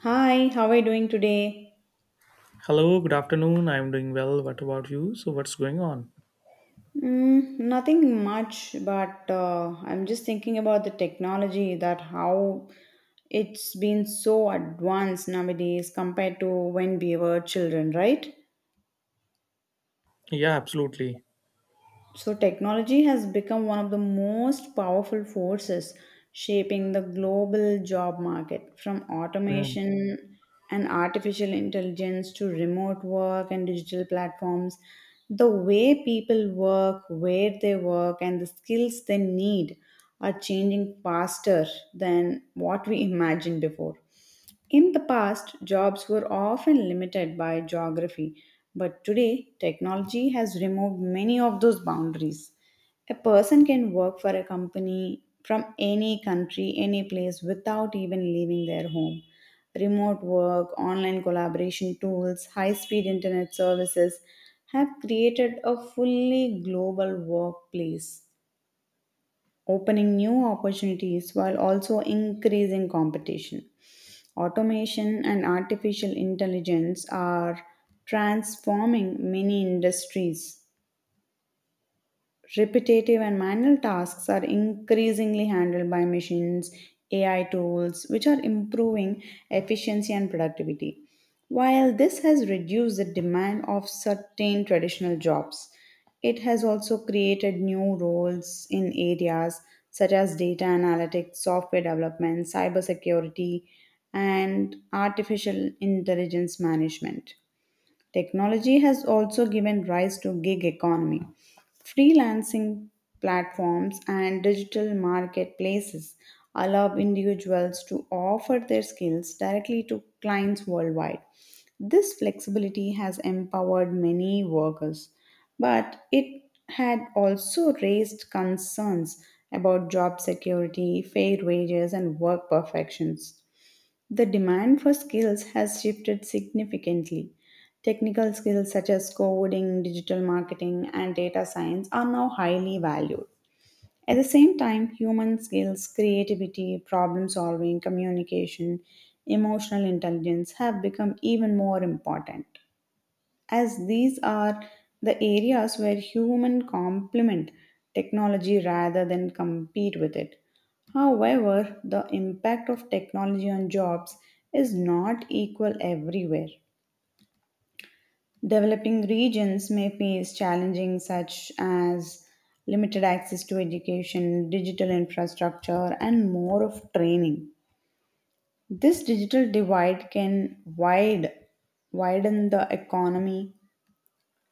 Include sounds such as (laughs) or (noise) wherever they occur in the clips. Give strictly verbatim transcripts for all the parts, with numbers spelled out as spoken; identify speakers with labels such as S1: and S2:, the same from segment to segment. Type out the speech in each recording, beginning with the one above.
S1: Hi, how are you doing today?
S2: Hello, good afternoon. I'm doing well. What about you? So, what's going on?
S1: Mm, nothing much, but uh, I'm just thinking about the technology that how it's been so advanced nowadays compared to when we were children, right?
S2: Yeah, absolutely.
S1: So, technology has become one of the most powerful forces shaping the global job market from
S2: Mm.
S1: automation and artificial intelligence to remote work and digital platforms. The way people work, where they work, and the skills they need are changing faster than what we (laughs) imagined before. In the past, jobs were often limited by geography, but today, technology has removed many of those boundaries. A person can work for a company from any country, any place without even leaving their home. Remote work, online collaboration tools, high speed internet services have created a fully global workplace, opening new opportunities while also increasing competition. Automation and artificial intelligence are transforming many industries. Repetitive and manual tasks are increasingly handled by machines, A I tools, which are improving efficiency and productivity. While this has reduced the demand of certain traditional jobs, it has also created new roles in areas such as data analytics, software development, cybersecurity, and artificial intelligence management. Technology has also given rise to gig economy, freelancing platforms and digital marketplaces allow individuals to offer their skills directly to clients worldwide. This flexibility has empowered many workers, but it had also raised concerns about job security, fair wages, and work perfections. The demand for skills has shifted significantly. Technical skills such as coding, digital marketing, and data science are now highly valued. At the same time, human skills, creativity, problem solving, communication, emotional intelligence have become even more important as these are the areas where human complement technology rather than compete with it. However, the impact of technology on jobs is not equal everywhere. Developing regions may face challenges such as limited access to education, digital infrastructure, and more of training. This digital divide can wide, widen the economy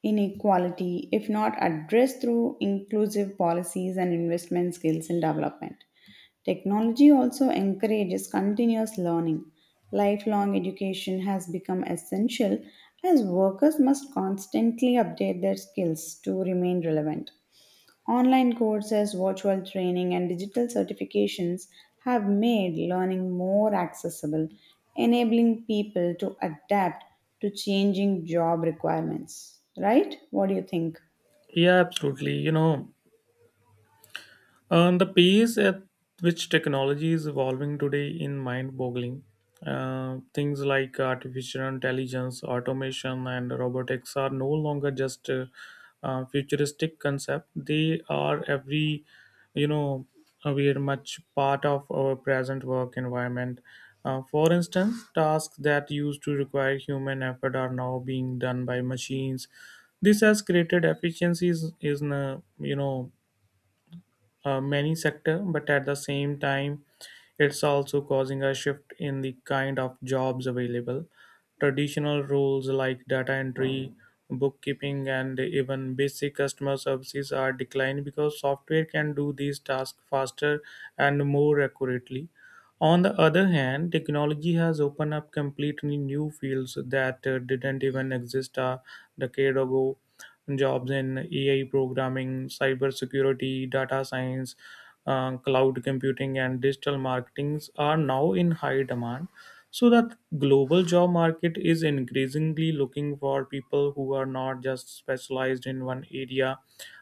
S1: inequality if not addressed through inclusive policies and investment skills in development. Technology also encourages continuous learning. Lifelong education has become essential as workers must constantly update their skills to remain relevant. Online courses, virtual training, and digital certifications have made learning more accessible, enabling people to adapt to changing job requirements. Right? What do you think?
S2: Yeah, absolutely. You know, And the pace at which technology is evolving today in mind-boggling. Uh, things like artificial intelligence, automation, and robotics are no longer just uh, uh, futuristic concept. They are every, you know, uh, we are much part of our present work environment. Uh, for instance, tasks that used to require human effort are now being done by machines. This has created efficiencies in, uh, you know, uh, many sector, but at the same time it's also causing a shift in the kind of jobs available. Traditional roles like data entry, bookkeeping, and even basic customer services are declining because software can do these tasks faster and more accurately. On the other hand, technology has opened up completely new fields that uh, didn't even exist a decade ago. Jobs in A I programming, cybersecurity, data science, uh, cloud computing, and digital marketings are now in high demand. So that global job market is increasingly looking for people who are not just specialized in one area,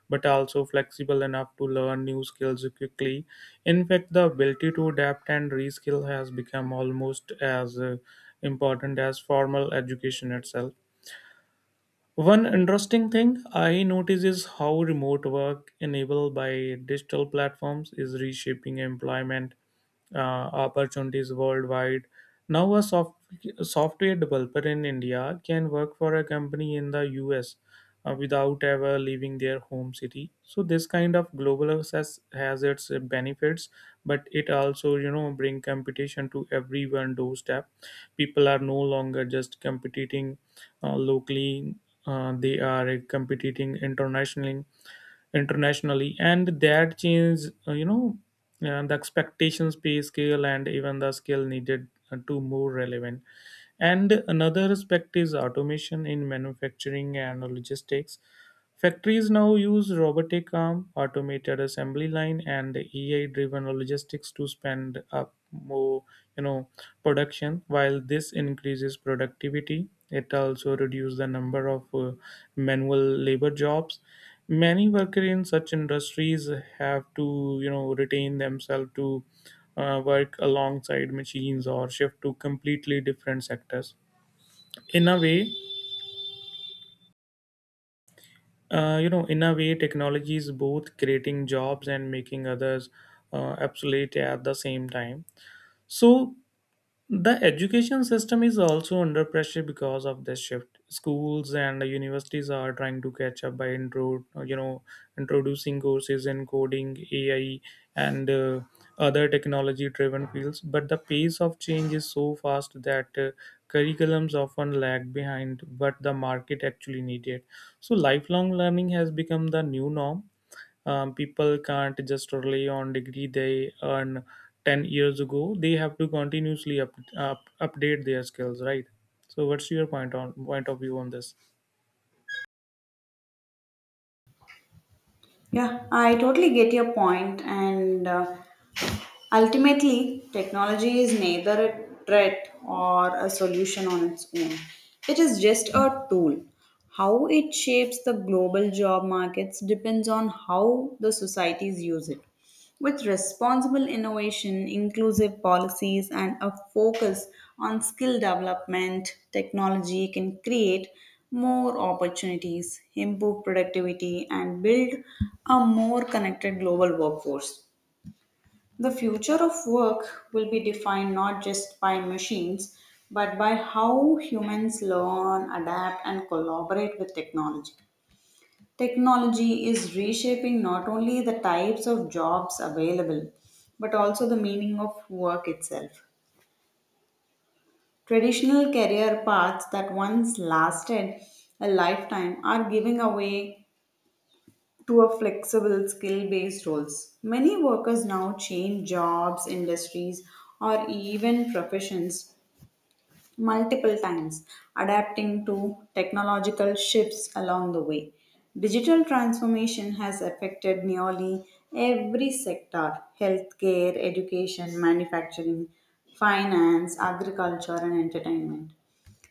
S2: but also flexible enough to learn new skills quickly. In fact, the ability to adapt and reskill has become almost as uh, important as formal education itself. One interesting thing I notice is how remote work enabled by digital platforms is reshaping employment uh, opportunities worldwide. Now, a soft, software developer in India can work for a company in the U S uh, without ever leaving their home city. So this kind of global access has its uh, benefits, but it also, you know, bring competition to everyone doorstep. People are no longer just competing uh, locally, uh, they are uh, competing internationally internationally, and that change, uh, you know uh, the expectations, pay scale, and even the skill needed uh, to more relevant. And another aspect is automation in manufacturing and logistics. Factories now use robotic arm, automated assembly line, and A I-driven logistics to spend up more, you know, production. While this increases productivity, it also reduces the number of uh, manual labor jobs. Many workers in such industries have to, you know, retain themselves to uh, work alongside machines or shift to completely different sectors. In a way, Uh, you know, in a way, technology is both creating jobs and making others uh, obsolete at the same time. So, the education system is also under pressure because of this shift. Schools and universities are trying to catch up by intro, you know, introducing courses in coding, A I, and uh, other technology-driven fields. But the pace of change is so fast that uh, curriculums often lag behind what the market actually needed. So lifelong learning has become the new norm. Um, people can't just rely on degree they earn ten years ago. They have to continuously up, up, update their skills, right? So what's your point on point of view on this?
S1: Yeah, I totally get your point, and uh, ultimately, technology is neither a threat or a solution on its own. It is just a tool. How it shapes the global job markets depends on how the societies use it. With responsible innovation, inclusive policies, and a focus on skill development, technology can create more opportunities, improve productivity, and build a more connected global workforce. The future of work will be defined not just by machines, but by how humans learn, adapt, and collaborate with technology. Technology is reshaping not only the types of jobs available, but also the meaning of work itself. Traditional career paths that once lasted a lifetime are giving away to a flexible skill based roles. Many workers now change jobs, industries, or even professions multiple times, adapting to technological shifts along the way. Digital transformation has affected nearly every sector healthcare, education, manufacturing, finance, agriculture, and entertainment.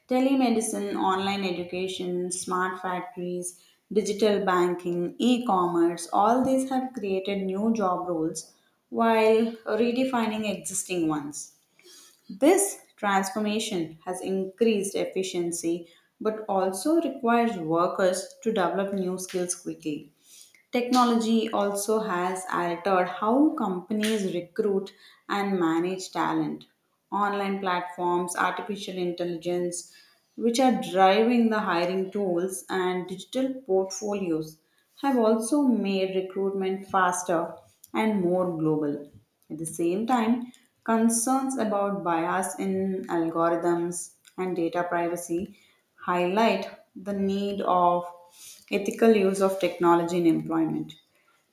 S1: Telemedicine, online education, smart factories, digital banking, e commerce, all these have created new job roles while redefining existing ones. This transformation has increased efficiency but also requires workers to develop new skills quickly. Technology also has altered how companies recruit and manage talent. Online platforms, artificial intelligence, which are driving the hiring tools, and digital portfolios have also made recruitment faster and more global. At the same time, concerns about bias in algorithms and data privacy highlight the need of ethical use of technology in employment.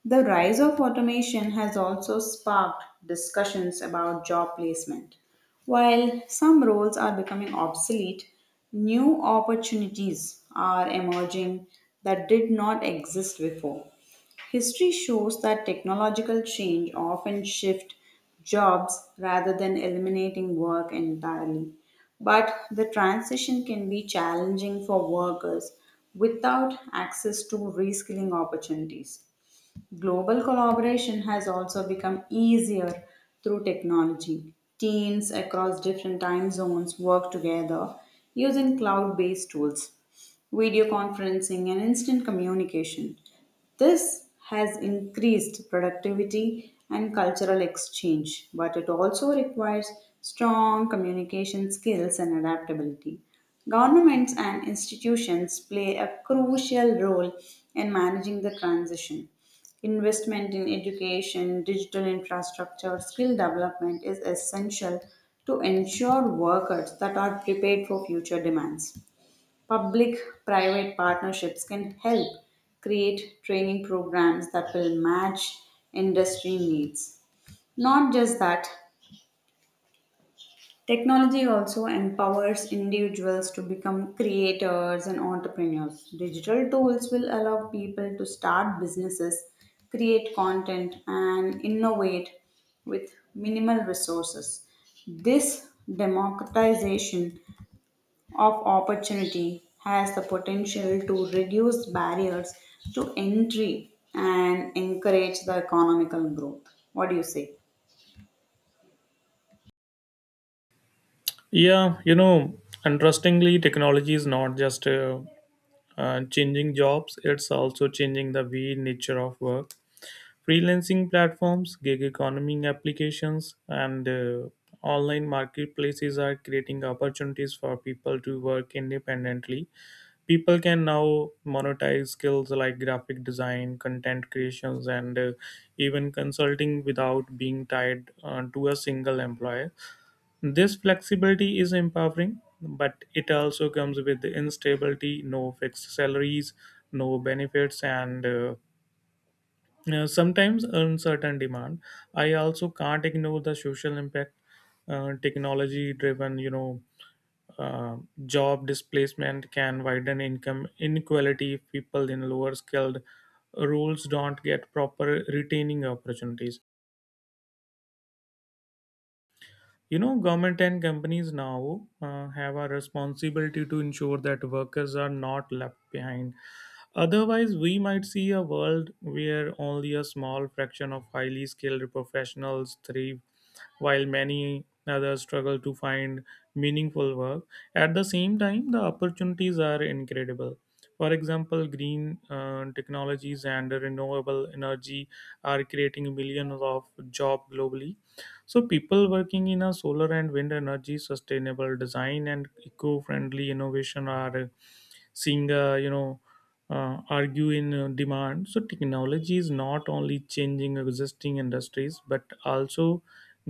S1: The rise of automation has also sparked discussions about job placement. While some roles are becoming obsolete, new opportunities are emerging that did not exist before. History shows that technological change often shift jobs rather than eliminating work entirely. But the transition can be challenging for workers without access to reskilling opportunities. Global collaboration has also become easier through technology. Teams across different time zones work together using cloud based tools video conferencing, and instant communication. This has increased productivity and cultural exchange, but it also requires strong communication skills and adaptability. Governments and institutions play a crucial role in managing the transition. Investment in education, digital infrastructure, skill development is essential to ensure workers that are prepared for future demands. Public private partnerships can help create training programs that will match industry needs. Not just that, technology also empowers individuals to become creators and entrepreneurs. Digital tools will allow people to start businesses, create content, and innovate with minimal resources. This democratization of opportunity has the potential to reduce barriers to entry and encourage the economical growth. What do you say?
S2: Yeah, you know, interestingly, technology is not just uh, uh, changing jobs, it's also changing the way nature of work. Freelancing platforms, gig economy applications, and uh, online marketplaces are creating opportunities for people to work independently. People can now monetize skills like graphic design, content creations, and uh, even consulting without being tied uh, to a single employer. This flexibility is empowering, but it also comes with the instability: no fixed salaries, no benefits, and uh, uh, sometimes uncertain demand. I also can't ignore the social impact. Uh, technology driven, you know um, job displacement can widen income inequality if people in lower skilled roles don't get proper retaining opportunities. You know, government and companies now uh, have a responsibility to ensure that workers are not left behind. Otherwise, we might see a world where only a small fraction of highly skilled professionals thrive while many others struggle to find meaningful work. At the same time, the opportunities are incredible. For example, green uh, technologies and renewable energy are creating millions of jobs globally. So people working in a solar and wind energy, sustainable design, and eco-friendly innovation are uh, seeing, uh, you know uh, argue in uh, demand. So technology is not only changing existing industries, but also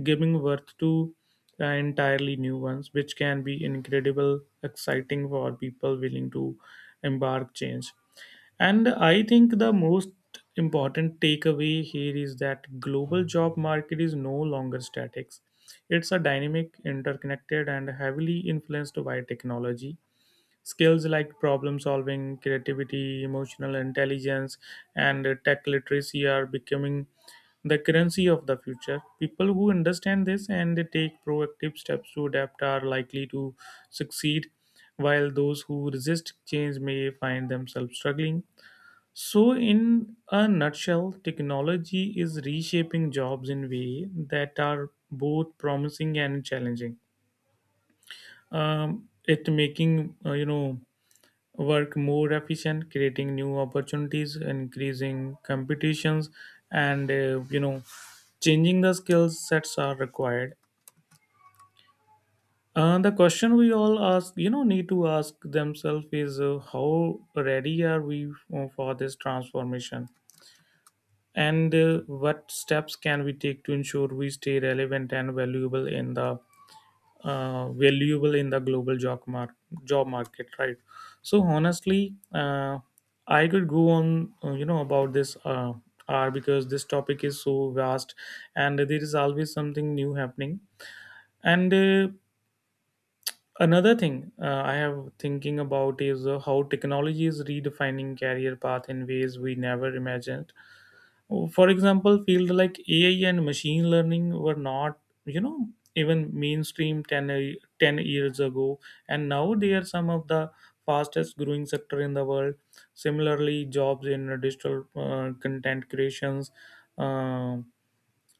S2: giving birth to uh, entirely new ones, which can be incredible exciting for people willing to embark change. And I think the most important takeaway here is that global job market is no longer static. It's a dynamic, interconnected, and heavily influenced by technology. Skills like problem solving, creativity, emotional intelligence, and tech literacy are becoming the currency of the future. People who understand this and they take proactive steps to adapt are likely to succeed, while those who resist change may find themselves struggling. So, in a nutshell, technology is reshaping jobs in ways that are both promising and challenging. Um, it making, uh, you know work more efficient, creating new opportunities, increasing competitions, and, uh, you know changing the skill sets are required. Uh, the question we all ask, you know, need to ask themselves is, uh, how ready are we for this transformation? And uh, what steps can we take to ensure we stay relevant and valuable in the uh, valuable in the global job, mar- job market, right? So honestly, uh, I could go on, uh, you know, about this uh, hour, because this topic is so vast, and there is always something new happening. And uh, another thing uh, I have thinking about is uh, how technology is redefining career path in ways we never imagined. For example, field like ai and machine learning were not, you know even mainstream ten, a- ten years ago, and now they are some of the fastest growing sector in the world. Similarly, jobs in digital uh, content creations, uh,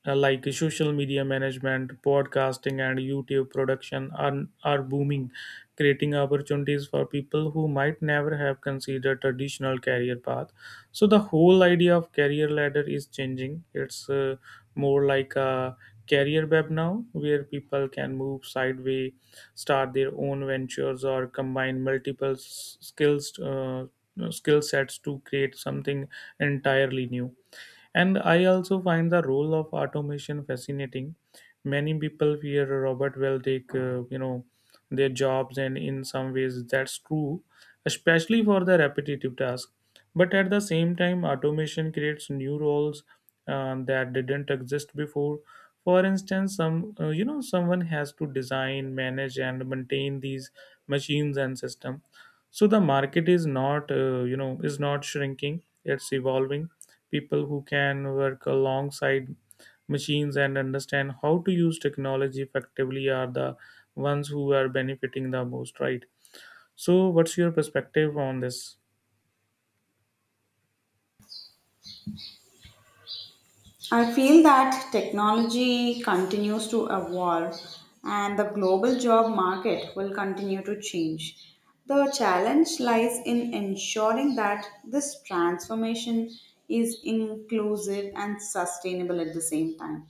S2: uh, like social media management, podcasting, and YouTube production are, are booming, creating opportunities for people who might never have considered traditional career path. So the whole idea of career ladder is changing. It's uh, more like a career web now, where people can move sideways, start their own ventures, or combine multiple s- skills. Uh, skill sets to create something entirely new. And I also find the role of automation fascinating. Many people fear robot will take, uh, you know, their jobs, and in some ways that's true, especially for the repetitive tasks. But at the same time, automation creates new roles uh, that didn't exist before. For instance, some uh, you know someone has to design, manage, and maintain these machines and system. So the market is not, uh, you know is not shrinking; it's evolving. People who can work alongside machines and understand how to use technology effectively are the ones who are benefiting the most, right? So what's your perspective on this?
S1: I feel that technology continues to evolve and the global job market will continue to change. The challenge lies in ensuring that this transformation is inclusive and sustainable at the same time.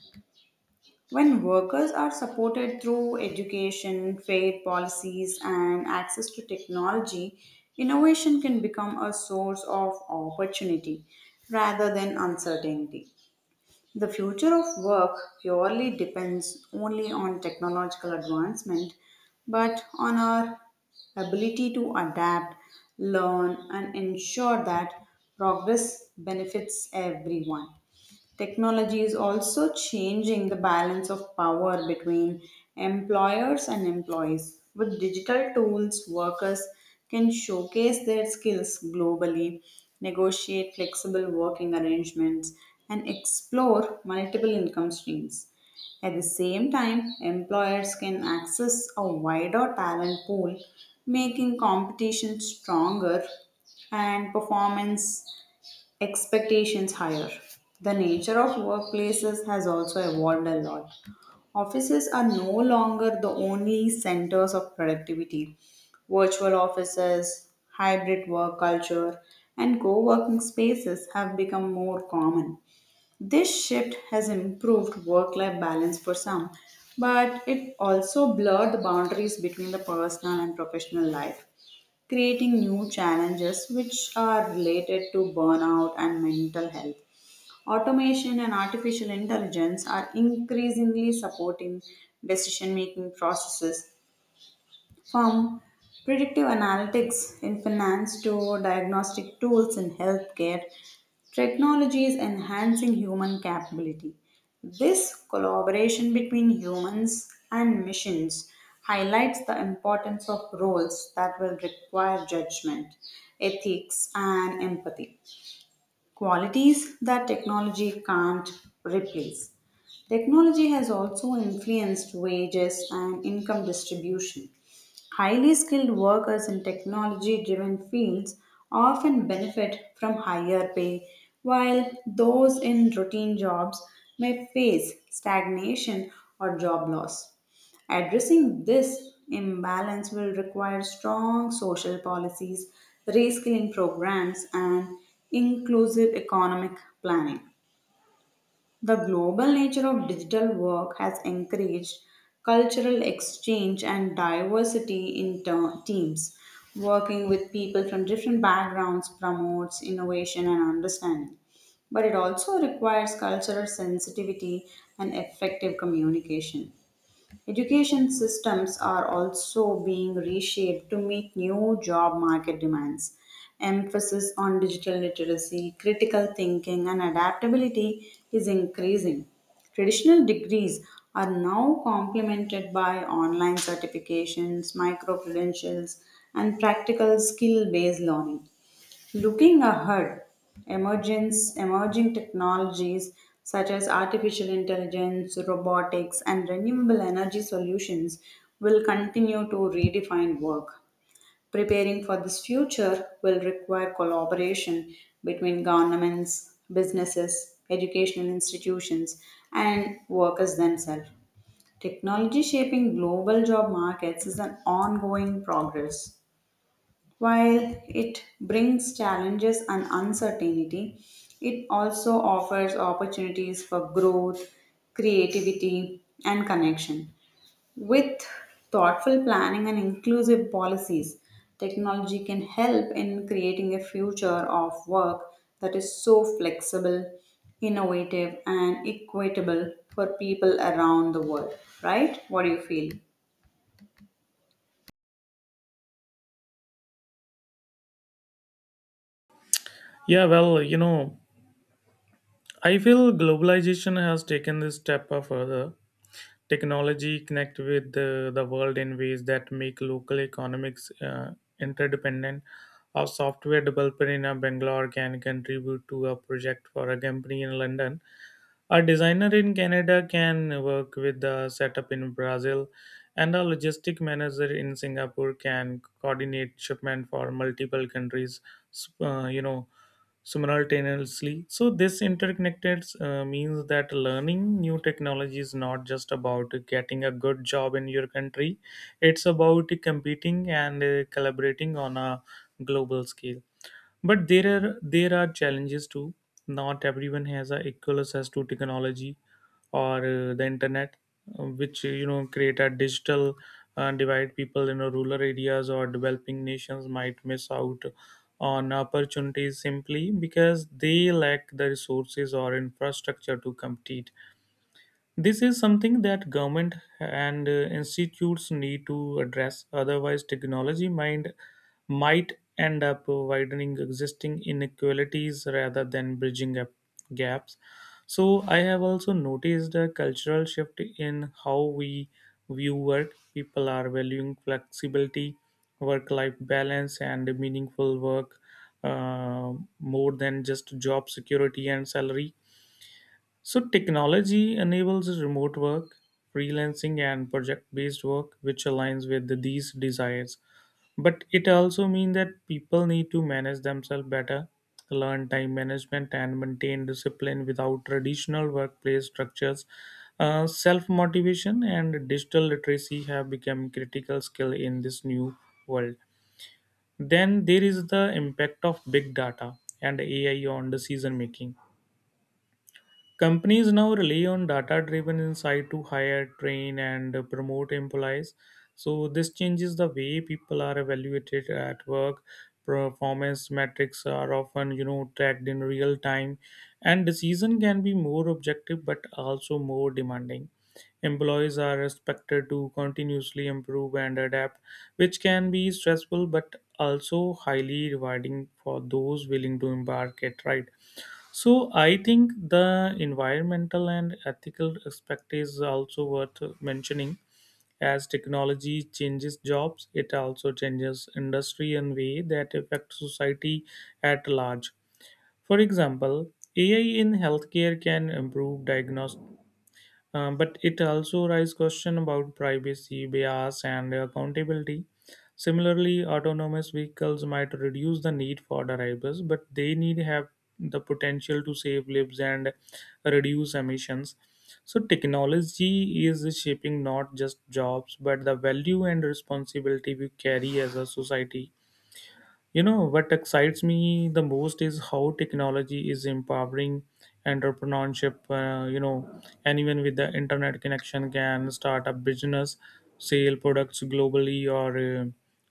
S1: When workers are supported through education, fair policies, and access to technology, innovation can become a source of opportunity rather than uncertainty. The future of work purely depends only on technological advancement, but on our ability to adapt, learn, and ensure that progress benefits everyone. Technology is also changing the balance of power between employers and employees. With digital tools, workers can showcase their skills globally, negotiate flexible working arrangements, and explore multiple income streams. At the same time, employers can access a wider talent pool, making competition stronger and performance expectations higher. The nature of workplaces has also evolved a lot. Offices are no longer the only centers of productivity. Virtual offices, hybrid work culture, and co working spaces have become more common. This shift has improved work life balance for some, but it also blurred the boundaries between the personal and professional life creating new challenges which are related to burnout and mental health. Automation and artificial intelligence are increasingly supporting decision making processes from predictive analytics in finance to diagnostic tools in healthcare. Technology is enhancing human capability. This collaboration between humans and machines highlights the importance of roles that will require judgment, ethics, and empathy. Qualities that technology can't replace. Technology has also influenced wages and income distribution. Highly skilled workers in technology driven fields often benefit from higher pay, while those in routine jobs may face stagnation or job loss. Addressing this imbalance will require strong social policies, reskilling programs, and inclusive economic planning. The global nature of digital work has encouraged cultural exchange and diversity in ter- teams. Working with people from different backgrounds promotes innovation and understanding. But it also requires cultural sensitivity and effective communication. Education systems are also being reshaped to meet new job market demands. Emphasis on digital literacy, critical thinking, and adaptability is increasing. Traditional degrees are now complemented by online certifications, micro credentials, and practical skill based learning. Looking ahead, emergence, emerging technologies such as artificial intelligence, robotics, and renewable energy solutions will continue to redefine work. Preparing for this future will require collaboration between governments, businesses, educational institutions, and workers themselves. Technology shaping global job markets is an ongoing progress. While it brings challenges and uncertainty, it also offers opportunities for growth, creativity, and connection. With thoughtful planning and inclusive policies, technology can help in creating a future of work that is so flexible, innovative, and equitable for people around the world. Right? What do you feel?
S2: Yeah, well, you know, I feel globalization has taken this step a further. Technology connect with the, the world in ways that make local economics uh, interdependent. A software developer in a Bangalore can contribute to a project for a company in London. A designer in Canada can work with the setup in Brazil, and a logistic manager in Singapore can coordinate shipment for multiple countries. S- Uh, you know, Simultaneously. So this interconnected uh, means that learning new technology is not just about getting a good job in your country; it's about competing and uh, collaborating on a global scale. But there are there are challenges too. Not everyone has a equal access to technology or uh, the internet, uh, which uh, you know create a digital uh, divide. People in uh, rural areas or developing nations might miss out on opportunities simply because they lack the resources or infrastructure to compete. This is something that government and uh, institutes need to address. Otherwise, technology might might end up widening existing inequalities rather than bridging up gaps. So, I have also noticed a cultural shift in how we view work. People are valuing flexibility, work-life balance, and meaningful work uh, more than just job security and salary. So, technology enables remote work, freelancing, and project based work, which aligns with the- these desires. But it also means that people need to manage themselves better, learn time management, and maintain discipline without traditional workplace structures. Uh, Self motivation and digital literacy have become critical skill in this new world. Then there is the impact of big data and A I on decision making. Companies now rely on data driven insight to hire, train, and promote employees. So, this changes the way people are evaluated at work. Performance metrics are often, you know, tracked in real time, and decision can be more objective but also more demanding. Employees are expected to continuously improve and adapt, which can be stressful but also highly rewarding for those willing to embark it. Right, so I think the environmental and ethical aspect is also worth mentioning. As technology changes jobs, it also changes industry in way that affects society at large. For example, A I in healthcare can improve diagnosis. Um, but it also raises question about privacy, bias, and accountability. Similarly, autonomous vehicles might reduce the need for drivers, but they need have the potential to save lives and reduce emissions. So technology is shaping not just jobs, but the value and responsibility we carry as a society. You know, what excites me the most is how technology is empowering entrepreneurship. Uh, you know, anyone with the internet connection can start a business, sell products globally, or uh,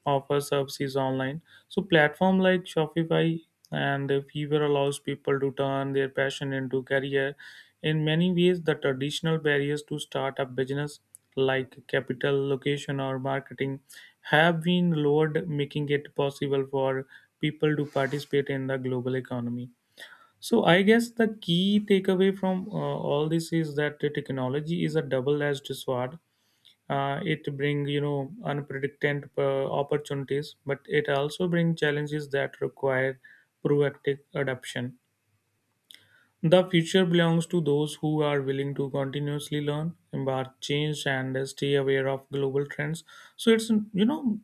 S2: offer services online. So, platform like Shopify and Fever allows people to turn their passion into career. In many ways, the traditional barriers to start a business like capital, location, or marketing, have been lowered, making it possible for people to participate in the global economy. So, I guess the key takeaway from uh, all this is that the technology is a double edged sword. Uh, it brings, you know, unpredicted uh, opportunities, but it also brings challenges that require proactive adoption. The future belongs to those who are willing to continuously learn, embark change, and stay aware of global trends. So it's you know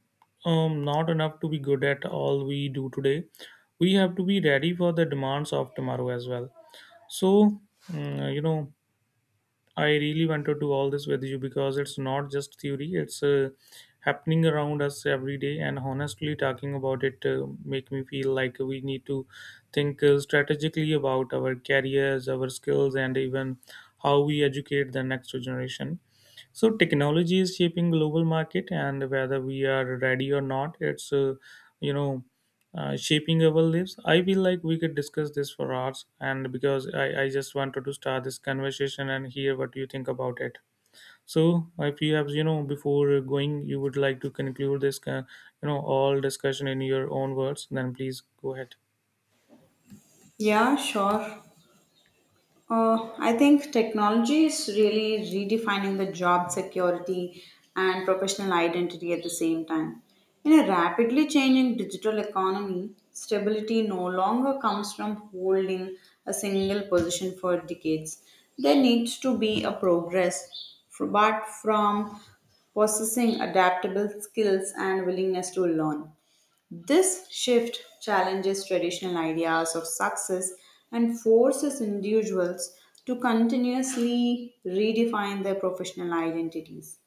S2: um, not enough to be good at all we do today. We have to be ready for the demands of tomorrow as well. So mm, you know I really want to do all this with you because it's not just theory; it's uh, happening around us every day. And honestly, talking about it uh, make me feel like we need to think uh, strategically about our careers, our skills, and even how we educate the next generation. So technology is shaping global market, and whether we are ready or not, it's uh, you know uh, shaping our lives. I feel like we could discuss this for hours, and because I, I just wanted to start this conversation and hear what you think about it. So if you have, you know, before going, you would like to conclude this uh, you know all discussion in your own words, then please go ahead.
S1: Yeah, sure. Uh, I think technology is really redefining the job security and professional identity at the same time. In a rapidly changing digital economy, stability no longer comes from holding a single position for decades. There needs to be a progress, f- but from possessing adaptable skills and willingness to learn. This shift challenges traditional ideas of success and forces individuals to continuously redefine their professional identities.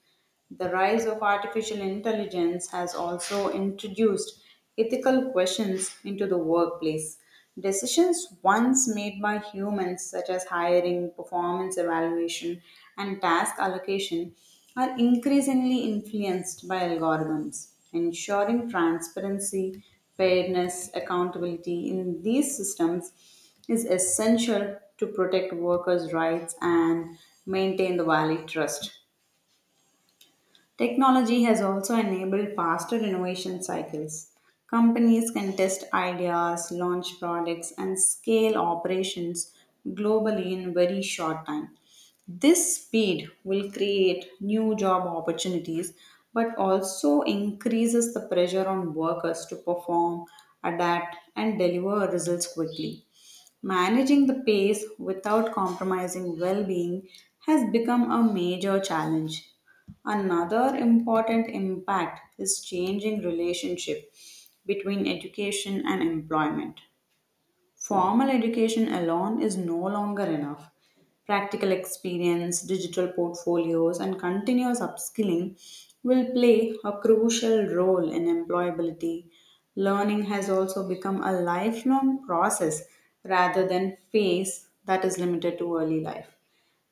S1: The rise of artificial intelligence has also introduced ethical questions into the workplace. Decisions once made by humans, such as hiring, performance evaluation, and task allocation, are increasingly influenced by algorithms. Ensuring transparency, fairness, accountability in these systems is essential to protect workers' rights and maintain the valid trust. Technology has also enabled faster innovation cycles. Companies can test ideas, launch products, and scale operations globally in very short time. This speed will create new job opportunities but also increases the pressure on workers to perform, adapt, and deliver results quickly. Managing the pace without compromising well being has become a major challenge. Another important impact is changing relationship between education and employment. Formal education alone is no longer enough. Practical experience, digital portfolios, and continuous upskilling will play a crucial role in employability. Learning has also become a lifelong process rather than phase that is limited to early life.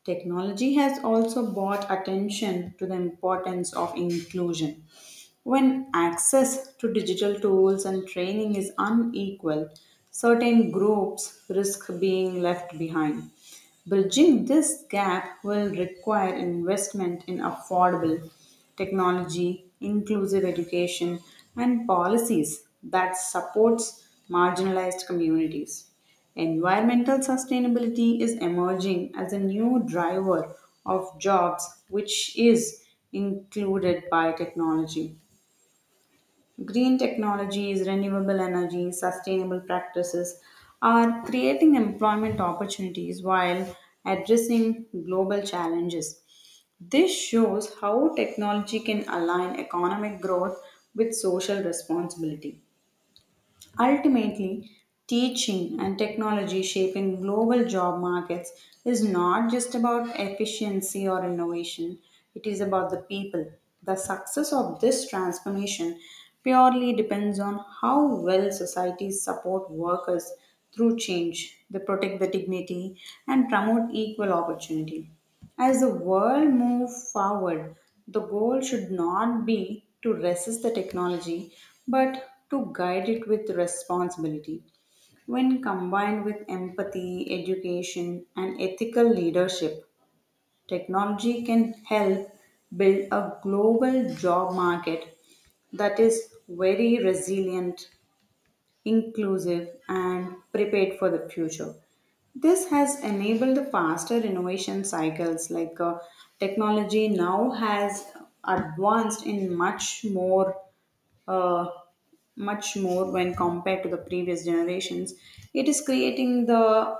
S1: Technology has also brought attention to the importance of inclusion. When access to digital tools and training is unequal, certain groups risk being left behind. Bridging this gap will require investment in affordable technology, inclusive education, and policies that supports marginalized communities. Environmental sustainability is emerging as a new driver of jobs, which is included by technology. Green technologies, renewable energy, sustainable practices are creating employment opportunities while addressing global challenges. This shows how technology can align economic growth with social responsibility. Ultimately, teaching and technology shaping global job markets is not just about efficiency or innovation, it is about the people. The success of this transformation purely depends on how well societies support workers through change, they protect the dignity, and promote equal opportunity. As the world moves forward, the goal should not be to resist the technology, but to guide it with responsibility. When combined with empathy, education, and ethical leadership, technology can help build a global job market that is very resilient inclusive, and prepared for the future. This has enabled the faster innovation cycles, like uh, technology now has advanced in much more. Uh, much more when compared to the previous generations. It is creating the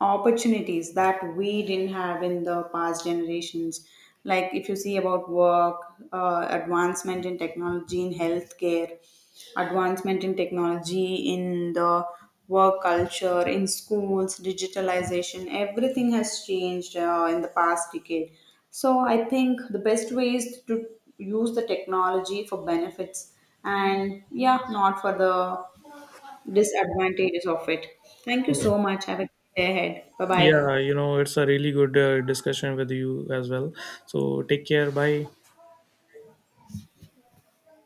S1: opportunities that we didn't have in the past generations. Like if you see about work, uh, advancement in technology in healthcare, advancement in technology in the work culture, in schools, digitalization, everything has changed uh, in the past decade. So I think the best way is to use the technology for benefits and yeah, not for the disadvantages of it. Thank you
S2: Yeah,
S1: so much. Have a good day ahead. Bye bye.
S2: yeah you know, it's a really good uh, discussion with you as well. So take care. Bye.